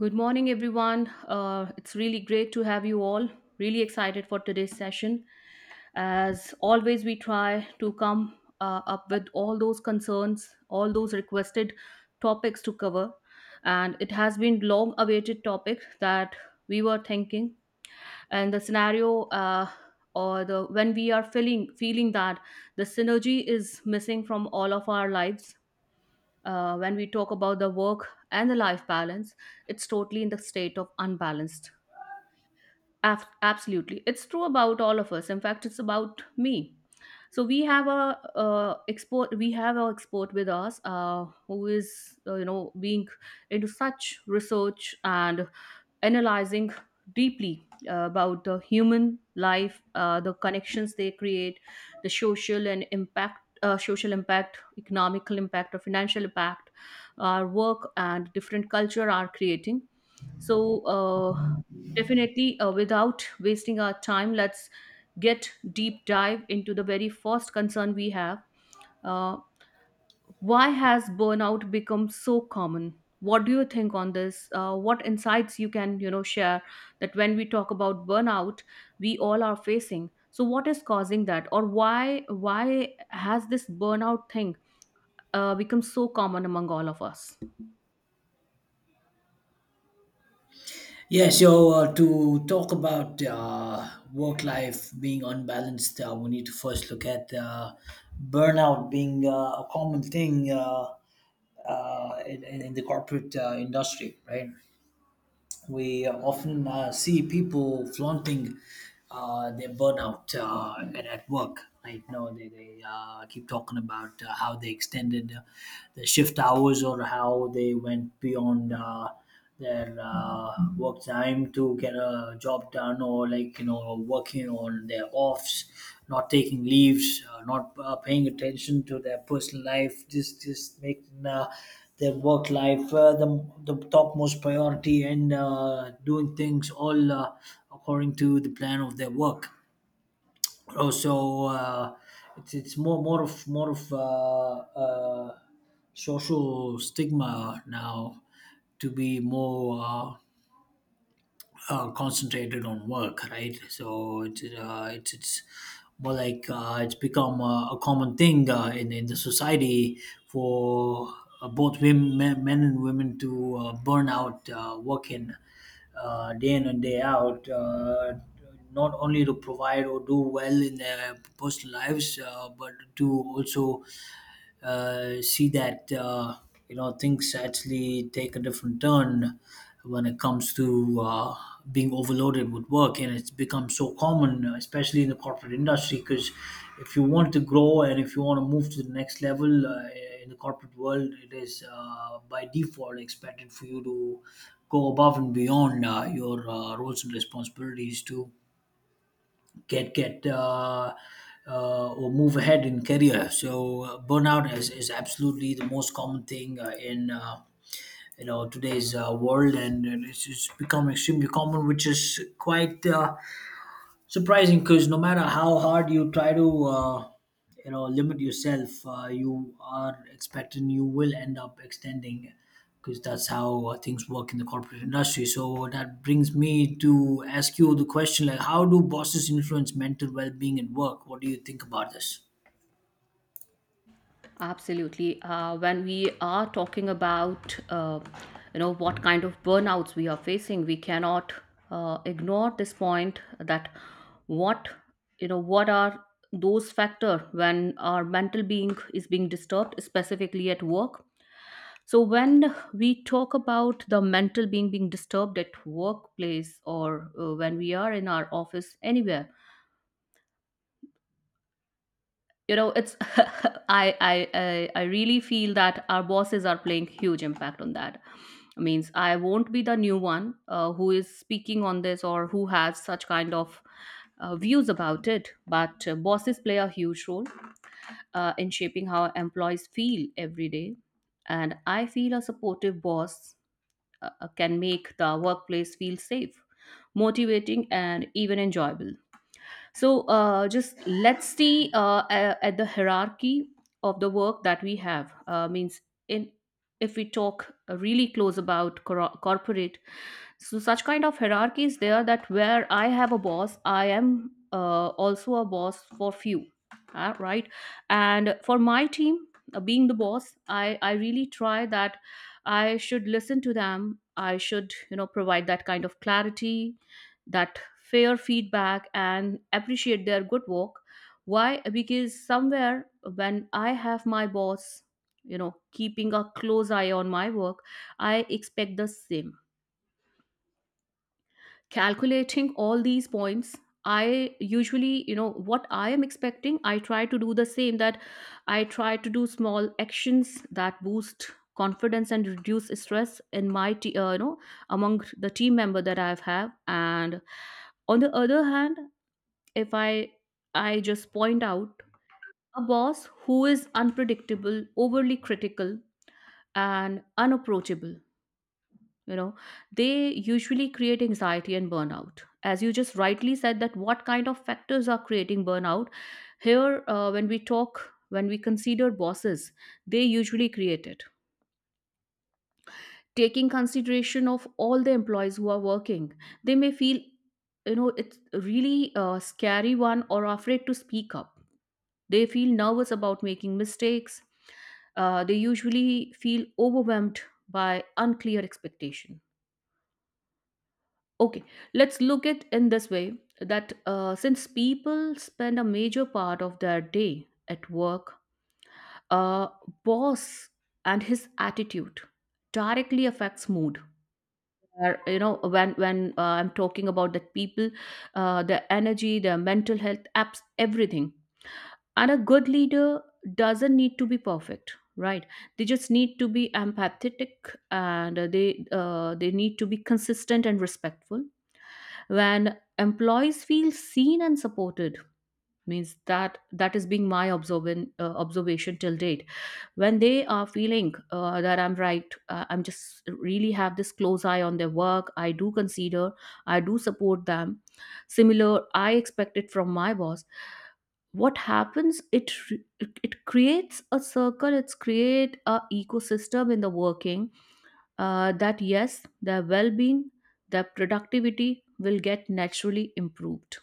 Good morning, everyone. It's really great to have you all. Really excited for today's session. As always, we try to come up with all those concerns, all those requested topics to cover. And it has been long awaited topic that we were thinking. And the scenario or the when we are feeling that the synergy is missing from all of our lives, when we talk about the work and the life balance, it's totally in the state of unbalanced. Absolutely, it's true about all of us. In fact, it's about me. So we have a export. We have our export with us, who is being into such research and analyzing deeply about the human life, the connections they create, the social and impact, social impact, economical impact, or financial impact our work and different culture are creating. So, definitely, without wasting our time, let's get deep dive into the very first concern we have. Uh, why has burnout become so common? What do you think on this? What insights you can, you know, share that when we talk about burnout, we all are facing. So what is causing that, or why has this burnout thing become so common among all of us? To talk about work life being unbalanced, we need to first look at burnout being a common thing in the corporate industry, right? We often see people flaunting their burnout at work. Right now, they keep talking about how they extended their shift hours, or how they went beyond their work time to get a job done, or like you know, working on their offs, not taking leaves, not paying attention to their personal life, just making their work life the topmost priority, and doing things all according to the plan of their work. Also, it's more more of uh, social stigma now to be more concentrated on work, right? So it's more like it's become a common thing in the society for both women, men and women to burn out working day in and day out. Not only to provide or do well in their personal lives, but to also see that you know things actually take a different turn when it comes to being overloaded with work. And it's become so common, especially in the corporate industry, because if you want to grow and if you want to move to the next level in the corporate world, it is by default expected for you to go above and beyond your roles and responsibilities to get or move ahead in career. So burnout is absolutely the most common thing in you know today's world, and it's become extremely common, which is quite surprising, because no matter how hard you try to you know limit yourself, you are expecting you will end up extending, because that's how things work in the corporate industry. So that brings me to ask you the question, like, how do bosses influence mental well-being at work? What do you think about this? Absolutely. When we are talking about, you know, what kind of burnouts we are facing, we cannot ignore this point that what, you know, what are those factors when our mental being is being disturbed, specifically at work. So when we talk about the mental being being disturbed at workplace or when we are in our office anywhere, you know it's I I really feel that our bosses are playing huge impact on that, means I won't be the new one who is speaking on this or who has such kind of views about it, but bosses play a huge role in shaping how employees feel every day. And I feel a supportive boss can make the workplace feel safe, motivating and even enjoyable. So, just let's see at the hierarchy of the work that we have, means in, if we talk really close about corporate, so such kind of hierarchy is there that where I have a boss, I am also a boss for few, right? And for my team, being the boss, I really try that I should listen to them, I should, you know, provide that kind of clarity, that fair feedback, and appreciate their good work. Why? Because somewhere when I have my boss, you know, keeping a close eye on my work, I expect the same. Calculating all these points, I usually, you know, what I am expecting, I try to do the same, that I try to do small actions that boost confidence and reduce stress in my you know, among the team member that I've have. And on the other hand, if I just point out a boss who is unpredictable, overly critical, and unapproachable, you know, they usually create anxiety and burnout. As you just rightly said that what kind of factors are creating burnout, here when we talk, when we consider bosses, they usually create it. Taking consideration of all the employees who are working, they may feel, you know, it's really a scary one, or afraid to speak up. They feel nervous about making mistakes. They usually feel overwhelmed by unclear expectation. Okay, let's look at in this way, that since people spend a major part of their day at work, uh, boss and his attitude directly affects mood. Or, you know, when I'm talking about that people, their energy, their mental health, apps, everything. And a good leader doesn't need to be perfect, right? They just need to be empathetic, and they need to be consistent and respectful. When employees feel seen and supported, means that that is being my observation till date. When they are feeling that I'm right, I'm just really have this close eye on their work, I do consider, I do support them, similar I expect it from my boss. What happens, it creates a circle, it's create a ecosystem in the working, that yes, their well being, their productivity will get naturally improved.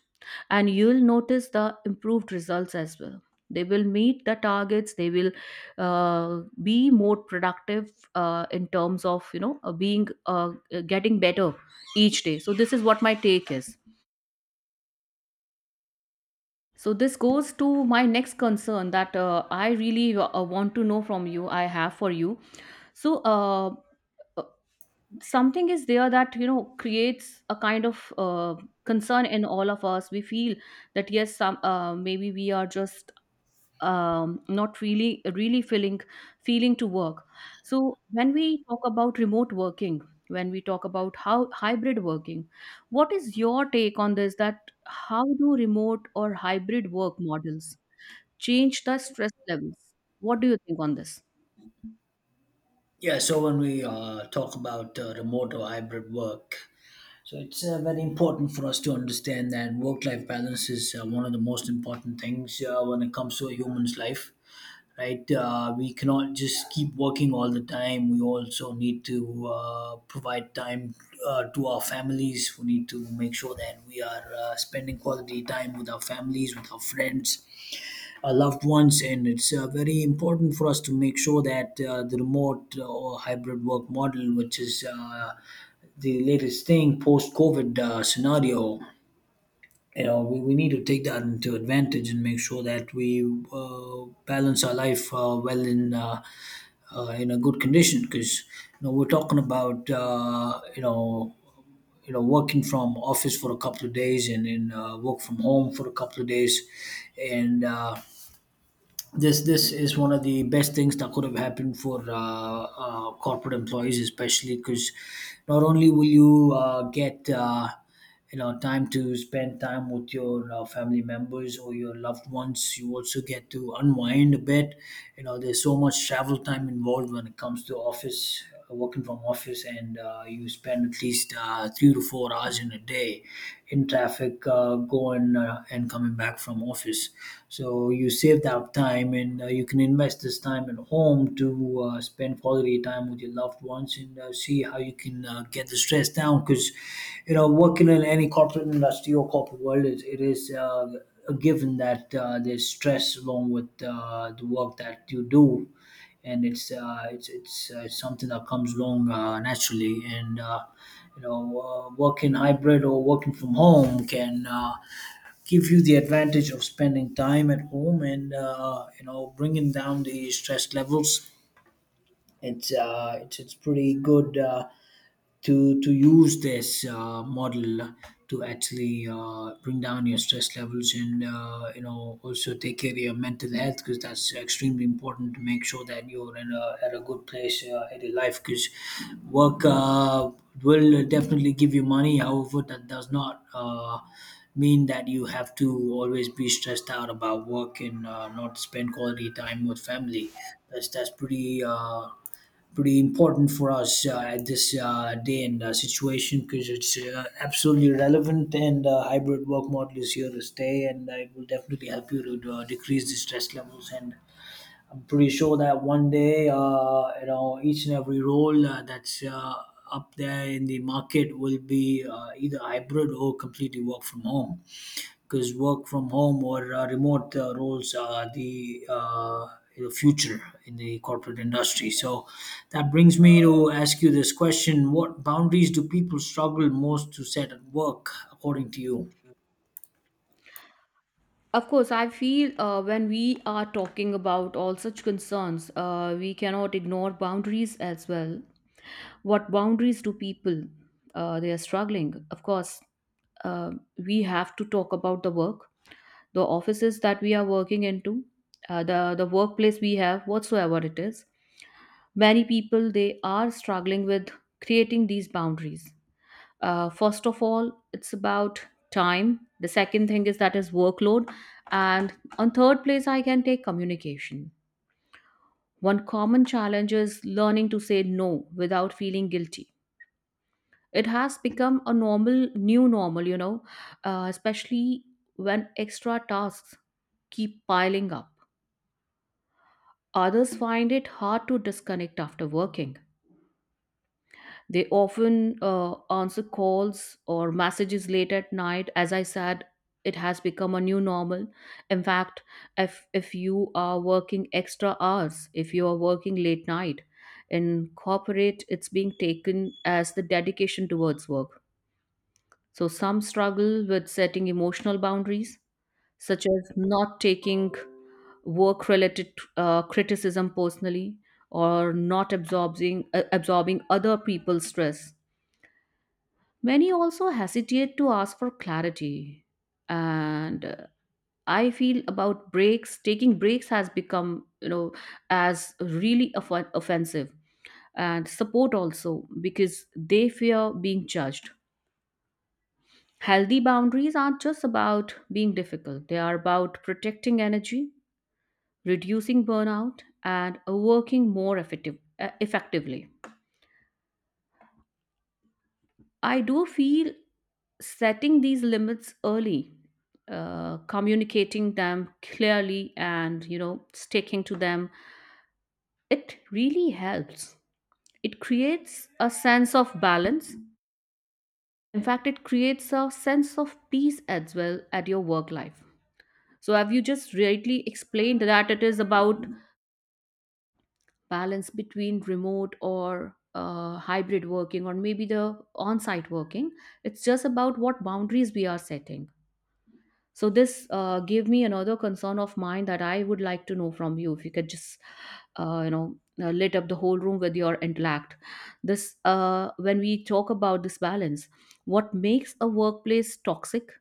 And you'll notice the improved results as well. They will meet the targets, they will be more productive in terms of, you know, being getting better each day. So, this is what my take is. So, this goes to my next concern that I really want to know from you, I have for you. So, uh, something is there that you know creates a kind of concern in all of us. We feel that yes, some maybe we are just not really feeling to work. So when we talk about remote working, when we talk about how hybrid working, what is your take on this, that how do remote or hybrid work models change the stress levels? What do you think on this? Yeah so when we talk about remote or hybrid work, so it's very important for us to understand that work-life balance is one of the most important things when it comes to a human's life, right? We cannot just keep working all the time. We also need to provide time to our families. We need to make sure that we are spending quality time with our families, with our friends, our loved ones. And it's very important for us to make sure that the remote or hybrid work model, which is the latest thing post COVID scenario, you know we need to take that into advantage and make sure that we balance our life well in a good condition, because you know we're talking about you know, you know, working from office for a couple of days and then work from home for a couple of days. And this is one of the best things that could have happened for corporate employees, especially because not only will you get you know time to spend time with your family members or your loved ones, you also get to unwind a bit. You know, there's so much travel time involved when it comes to office working from office, and you spend at least 3 to 4 hours in a day in traffic going and coming back from office. So you save that time, and you can invest this time at home to spend quality time with your loved ones and see how you can get the stress down. Because you know, working in any corporate industry or corporate world, it is a given that there's stress along with the work that you do. And it's it's something that comes along naturally. And you know, working hybrid or working from home can give you the advantage of spending time at home and you know bringing down the stress levels. It's pretty good to use this model to actually bring down your stress levels, and you know also take care of your mental health, because that's extremely important to make sure that you're at a good place in your life. Because work will definitely give you money, however that does not mean that you have to always be stressed out about work and not spend quality time with family. That's pretty important for us at this day and situation, because it's absolutely relevant, and hybrid work model is here to stay, and it will definitely help you to decrease the stress levels. And I'm pretty sure that one day you know each and every role that's up there in the market will be either hybrid or completely work from home, because work from home or remote roles are the future in the corporate industry. So that brings me to ask you this question: what boundaries do people struggle most to set at work, according to you? Of course, I feel, when we are talking about all such concerns, we cannot ignore boundaries as well. What boundaries do people? They are struggling. Of course, uh, we have to talk about the work, the offices that we are working into, uh, the workplace we have, whatsoever it is. Many people they are struggling with creating these boundaries. First of all, it's about time. The second thing is that is workload. And on third place, I can take communication. One common challenge is learning to say no without feeling guilty. It has become a normal, new normal, you know, especially when extra tasks keep piling up. Others find it hard to disconnect after working. They often answer calls or messages late at night. As I said, it has become a new normal. In fact, if you are working extra hours, if you are working late night, in corporate, it's being taken as the dedication towards work. So some struggle with setting emotional boundaries, such as not taking work related criticism personally, or not absorbing other people's stress. Many also hesitate to ask for clarity. And I feel about breaks, taking breaks has become, you know, as really offensive. And support also, because they fear being judged. Healthy boundaries aren't just about being difficult, they are about protecting energy, reducing burnout, and working more effectively. I do feel setting these limits early, communicating them clearly, and you know sticking to them, it really helps. It creates a sense of balance. In fact, it creates a sense of peace as well at your work life. So have you just rightly explained that it is about balance between remote or hybrid working, or maybe the on-site working. It's just about what boundaries we are setting. So this gave me another concern of mine that I would like to know from you, if you could just lit up the whole room with your intellect. This, when we talk about this balance, what makes a workplace toxic,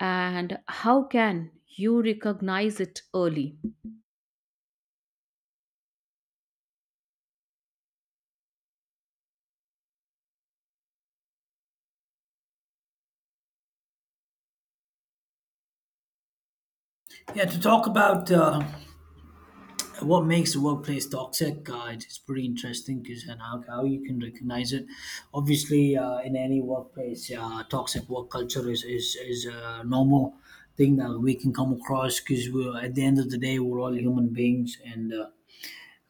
and how can you recognize it early? Yeah, to talk about what makes the workplace toxic, it's pretty interesting. Because, and how you can recognize it, obviously in any workplace, toxic work culture is a normal thing that we can come across, because we're, at the end of the day, we're all human beings, and uh,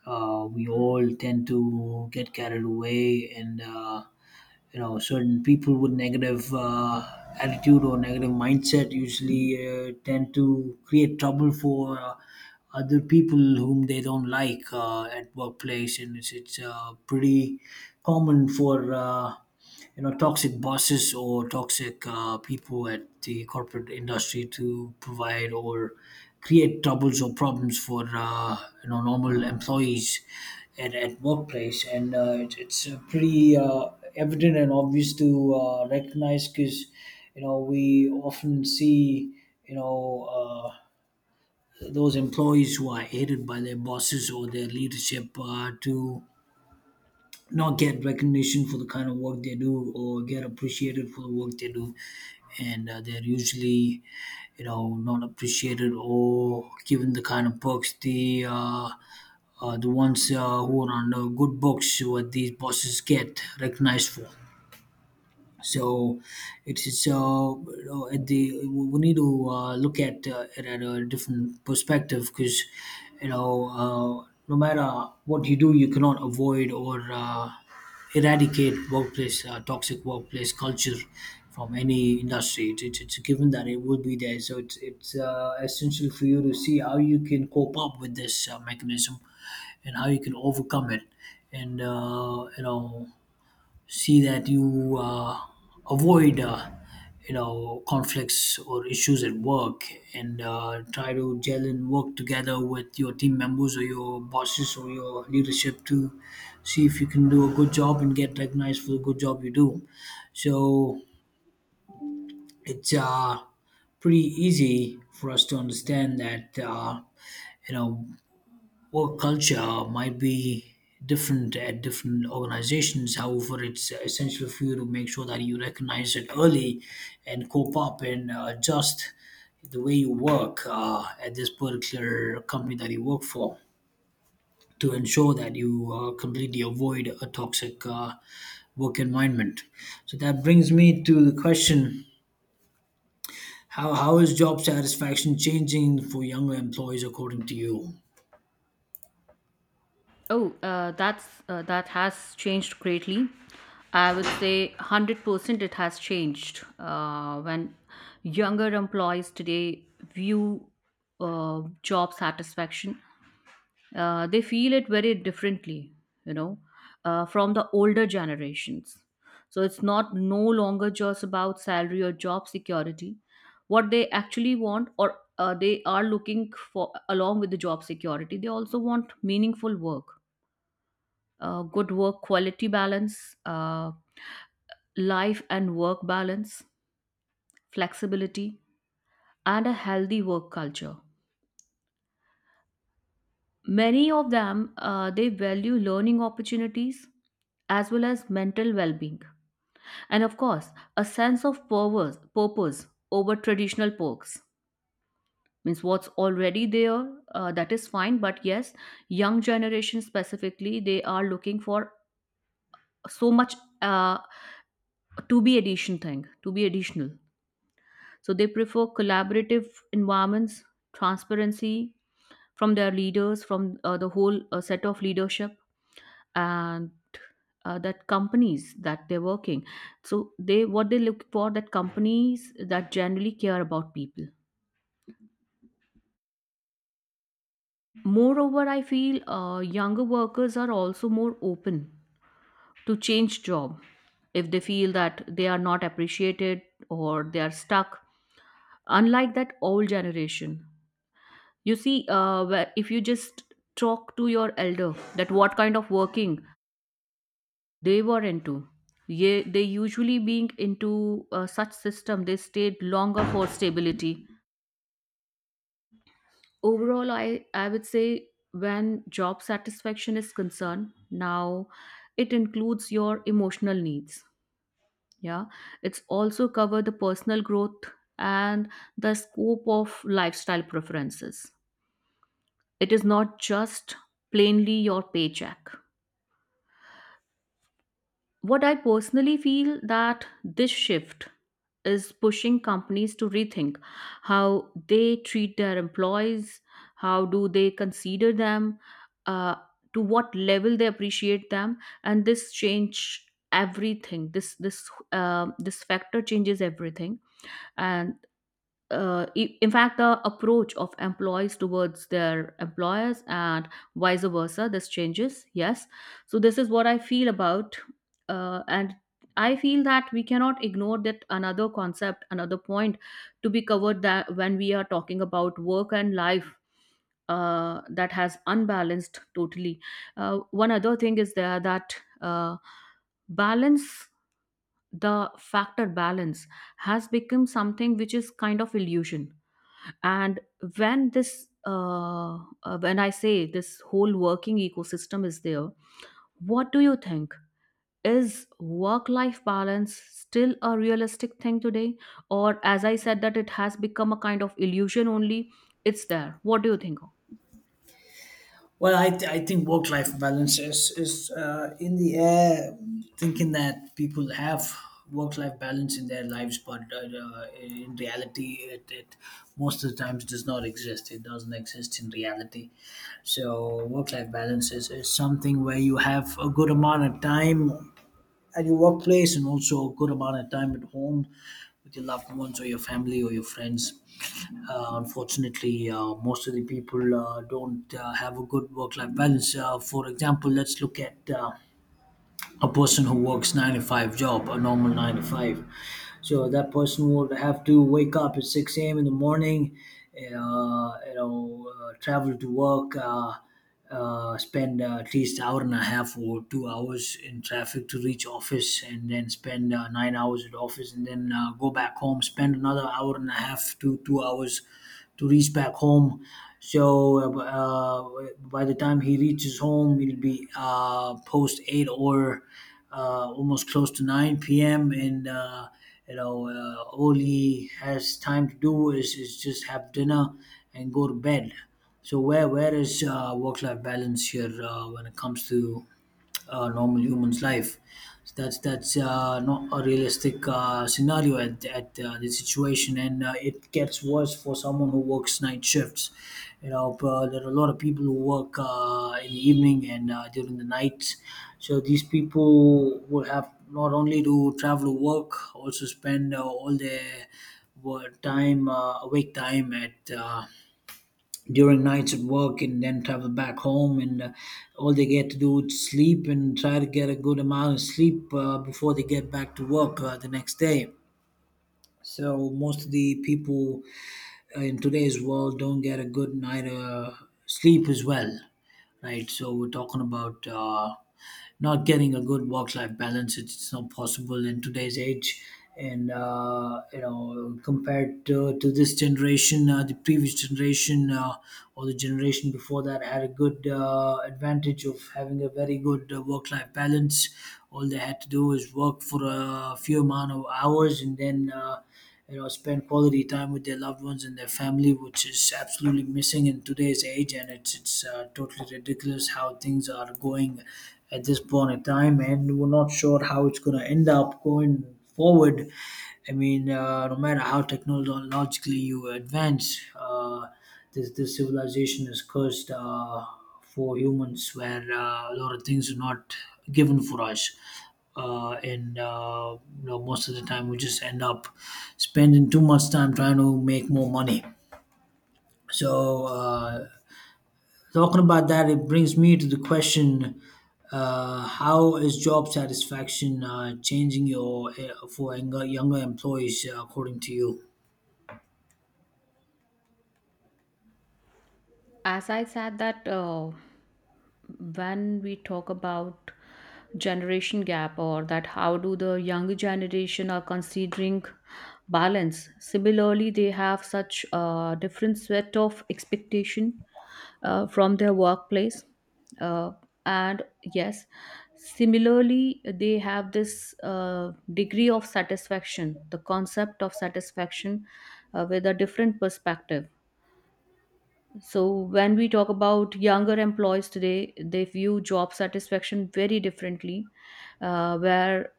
uh, we all tend to get carried away. And you know, certain people with negative attitude or negative mindset usually tend to create trouble for other people whom they don't like at workplace. And it's pretty common for you know toxic bosses or toxic people at the corporate industry to provide or create troubles or problems for you know normal employees at workplace. And it's pretty evident and obvious to recognize, because you know we often see you know uh, those employees who are hated by their bosses or their leadership to not get recognition for the kind of work they do or get appreciated for the work they do. And they're usually you know not appreciated or given the kind of perks the ones who are on the good books what these bosses get recognized for. So it is, so you know, at the, we need to look at it at a different perspective, because you know no matter what you do, you cannot avoid or eradicate workplace toxic workplace culture from any industry. It's a given that it will be there. So it's essential for you to see how you can cope up with this mechanism and how you can overcome it. And you know, see that you avoid you know conflicts or issues at work, and try to gel and work together with your team members or your bosses or your leadership to see if you can do a good job and get recognized for the good job you do. So it's pretty easy for us to understand that you know work culture might be different at different organizations. However, it's essential for you to make sure that you recognize it early and cope up and adjust the way you work at this particular company that you work for, to ensure that you completely avoid a toxic work environment. So that brings me to the question: How is job satisfaction changing for younger employees, according to you? Oh, that's that has changed greatly. I would say 100% it has changed. When younger employees today view job satisfaction, they feel it very differently, you know, from the older generations. So it's not no longer just about salary or job security. What they actually want, or they are looking for along with the job security, they also want meaningful work, good work quality balance, life and work balance, flexibility, and a healthy work culture. Many of them they value learning opportunities as well as mental well-being, and of course, a sense of purpose over traditional perks. Means what's already there, that is fine. But yes, young generation specifically, they are looking for so much, uh, to be additional. So they prefer collaborative environments, transparency from their leaders, from the whole set of leadership, and that companies that they're working. So they, what they look for, that companies that generally care about people. Moreover, I feel younger workers are also more open to change job if they feel that they are not appreciated or they are stuck, unlike that old generation. You see, if you just talk to your elder that what kind of working they were into, ye, they usually being into such system, they stayed longer for stability. Overall, I would say when job satisfaction is concerned, now it includes your emotional needs. Yeah, it's also cover the personal growth and the scope of lifestyle preferences. It is not just plainly your paycheck. What I personally feel that this shift is pushing companies to rethink how they treat their employees, how do they consider them, uh, to what level they appreciate them, and this change everything. This factor changes everything, and in fact, the approach of employees towards their employers and vice versa, this changes. Yes. So, this is what I feel about. And I feel that we cannot ignore that another concept, another point to be covered that when we are talking about work and life. That has unbalanced totally. One other thing is there that balance, the factor balance, has become something which is kind of illusion and when this when I say this whole working ecosystem is there, what do you think, is work life balance still a realistic thing today, or as I said that it has become a kind of illusion only, it's there, what do you think? Well, I think work life balance is in the air, thinking that people have work life balance in their lives, but in reality, it most of the times does not exist. It doesn't exist in reality. So, work life balance is something where you have a good amount of time at your workplace and also a good amount of time at home with your loved ones or your family or your friends. Unfortunately, most of the people don't have a good work life balance. For example, let's look at a person who works 9-5 job, a normal 9-5. So that person would have to wake up at 6 a.m in the morning, travel to work, spend at least hour and a half or 2 hours in traffic to reach office, and then spend 9 hours at office, and then go back home, spend another hour and a half to 2 hours to reach back home. So by the time he reaches home, it'll be post eight, or almost close to nine p.m. And all he has time to do is just have dinner and go to bed. So where is work life balance here, when it comes to normal human's life. So that's not a realistic scenario at the situation, and it gets worse for someone who works night shifts. You know, there are a lot of people who work in the evening and during the night. So these people will have not only to travel to work, also spend all their work time, awake time at during nights at work, and then travel back home, and all they get to do is sleep and try to get a good amount of sleep before they get back to work the next day. So most of the people in today's world don't get a good night of sleep as well, right? So we're talking about not getting a good work-life balance. It's not possible in today's age, and compared to this generation, the previous generation, or the generation before, that had a good advantage of having a very good work-life balance. All they had to do is work for a few amount of hours, and then spend quality time with their loved ones and their family, which is absolutely missing in today's age. And it's totally ridiculous how things are going at this point in time, and we're not sure how it's going to end up going forward. I mean, no matter how technologically you advance, this civilization is cursed, for humans, where a lot of things are not given for us. Most of the time we just end up spending too much time trying to make more money. So talking about that, it brings me to the question, how is job satisfaction changing your for younger employees, according to you? As I said that when we talk about generation gap or that how do the younger generation are considering balance, similarly they have such a different set of expectation from their workplace, uh, and yes, similarly they have this degree of satisfaction, the concept of satisfaction, with a different perspective. So when we talk about younger employees today, they view job satisfaction very differently, where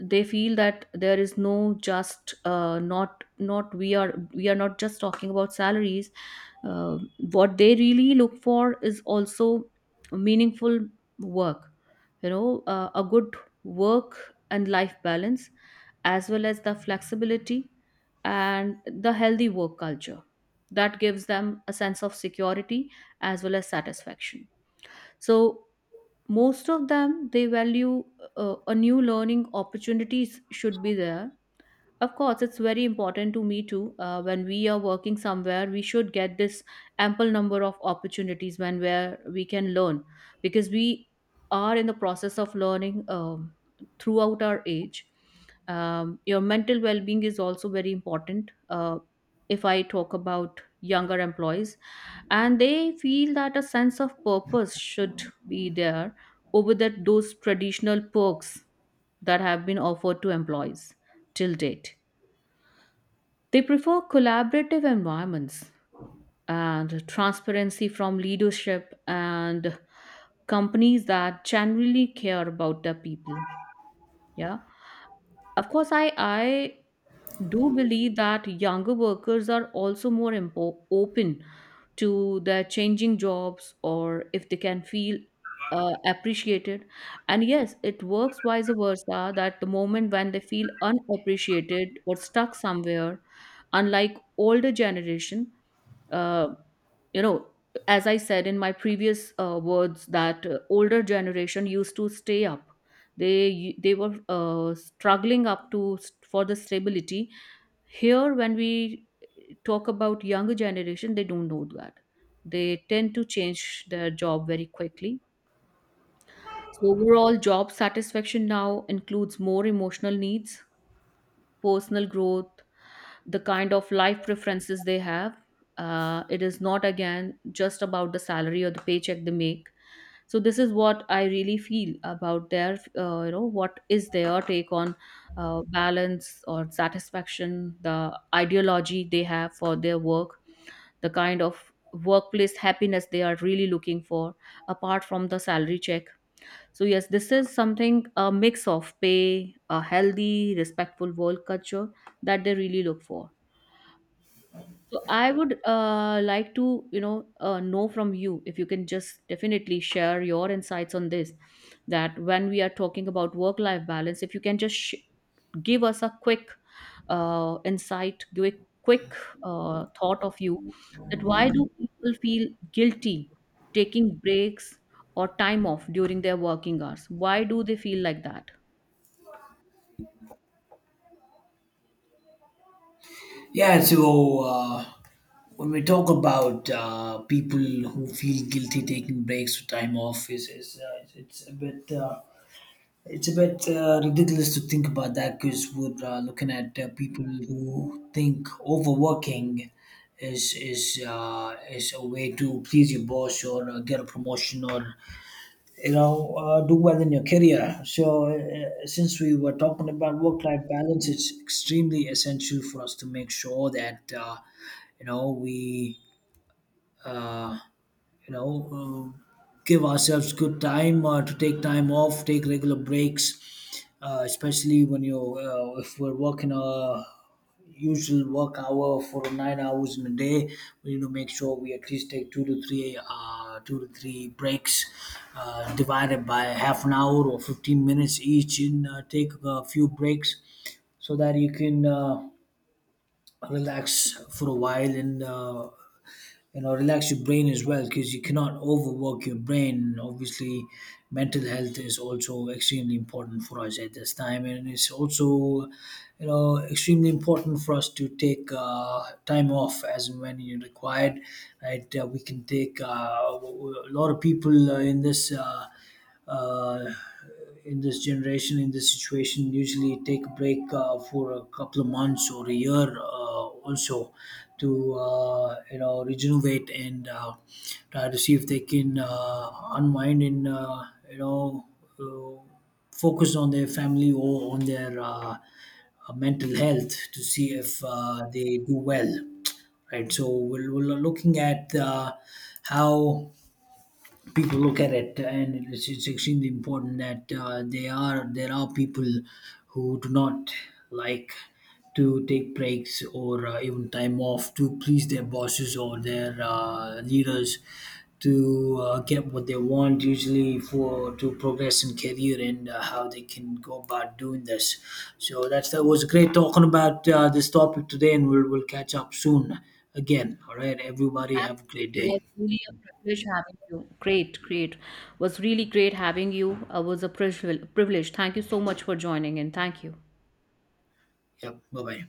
they feel that there is no just not we are not just talking about salaries. Uh, what they really look for is also meaningful work, you know, a good work and life balance as well as the flexibility and the healthy work culture that gives them a sense of security as well as satisfaction. So most of them they value a new learning opportunities should be there. Of course, it's very important to me too. When we are working somewhere, we should get this ample number of opportunities when where we can learn, because we are in the process of learning, throughout our age. Your mental well-being is also very important. If I talk about younger employees, and they feel that a sense of purpose should be there over that those traditional perks that have been offered to employees till date. They prefer collaborative environments and transparency from leadership and companies that generally care about their people. Yeah. Of course, I do believe that younger workers are also open to their changing jobs or if they can feel appreciated. And yes, it works vice versa that the moment when they feel unappreciated or stuck somewhere, unlike older generation, uh, you know, as I said in my previous words that older generation used to stay up, they they were struggling up to for the stability. Here when we talk about younger generation, they don't know that, they tend to change their job very quickly. So overall job satisfaction now includes more emotional needs, personal growth, the kind of life preferences they have. It is not again just about the salary or the paycheck they make. So this is what I really feel about their, you know, what is their take on balance or satisfaction, the ideology they have for their work, the kind of workplace happiness they are really looking for, apart from the salary check. So yes, this is something a mix of pay, a healthy, respectful work culture that they really look for. So I would like to, you know from you if you can just definitely share your insights on this. That when we are talking about work-life balance, if you can give us a quick insight, quick thought of you, that why do people feel guilty taking breaks or time off during their working hours? Why do they feel like that? Yeah, so when we talk about people who feel guilty taking breaks or time off, is it's a bit ridiculous to think about that, because we're looking at people who think overworking is a way to please your boss, or get a promotion, or do well in your career. So since we were talking about work life balance, it's extremely essential for us to make sure that, you know we uh, you know, give ourselves good time to take time off, take regular breaks, especially when you if we're working a usual work hour for 9 hours in a day, we need to make sure we at least take two to three breaks, divided by half an hour or 15 minutes each, and take a few breaks, so that you can relax for a while, and relax your brain as well, because you cannot overwork your brain. Obviously, mental health is also extremely important for us at this time, and it's also extremely important for us to take time off as and when you're required, right? We can take a lot of people uh, in this generation, in this situation, usually take a break for a couple of months or a year, also, to regenerate, and try to see if they can unwind, and you know uh, focus on their family, or on their mental health, to see if they do well. Right. So we're looking at how people look at it, and it's extremely important that they are there are people who do not like to take breaks, or even time off, to please their bosses or their leaders, to get what they want, usually for to progress in career, and how they can go about doing this. So that was great talking about this topic today, and we'll catch up soon again. All right, everybody, have a great Absolutely, day. was really a privilege having you. Great, great. Was really great having you. Was a privilege. Thank you so much for joining in. Thank you. Yep, bye bye.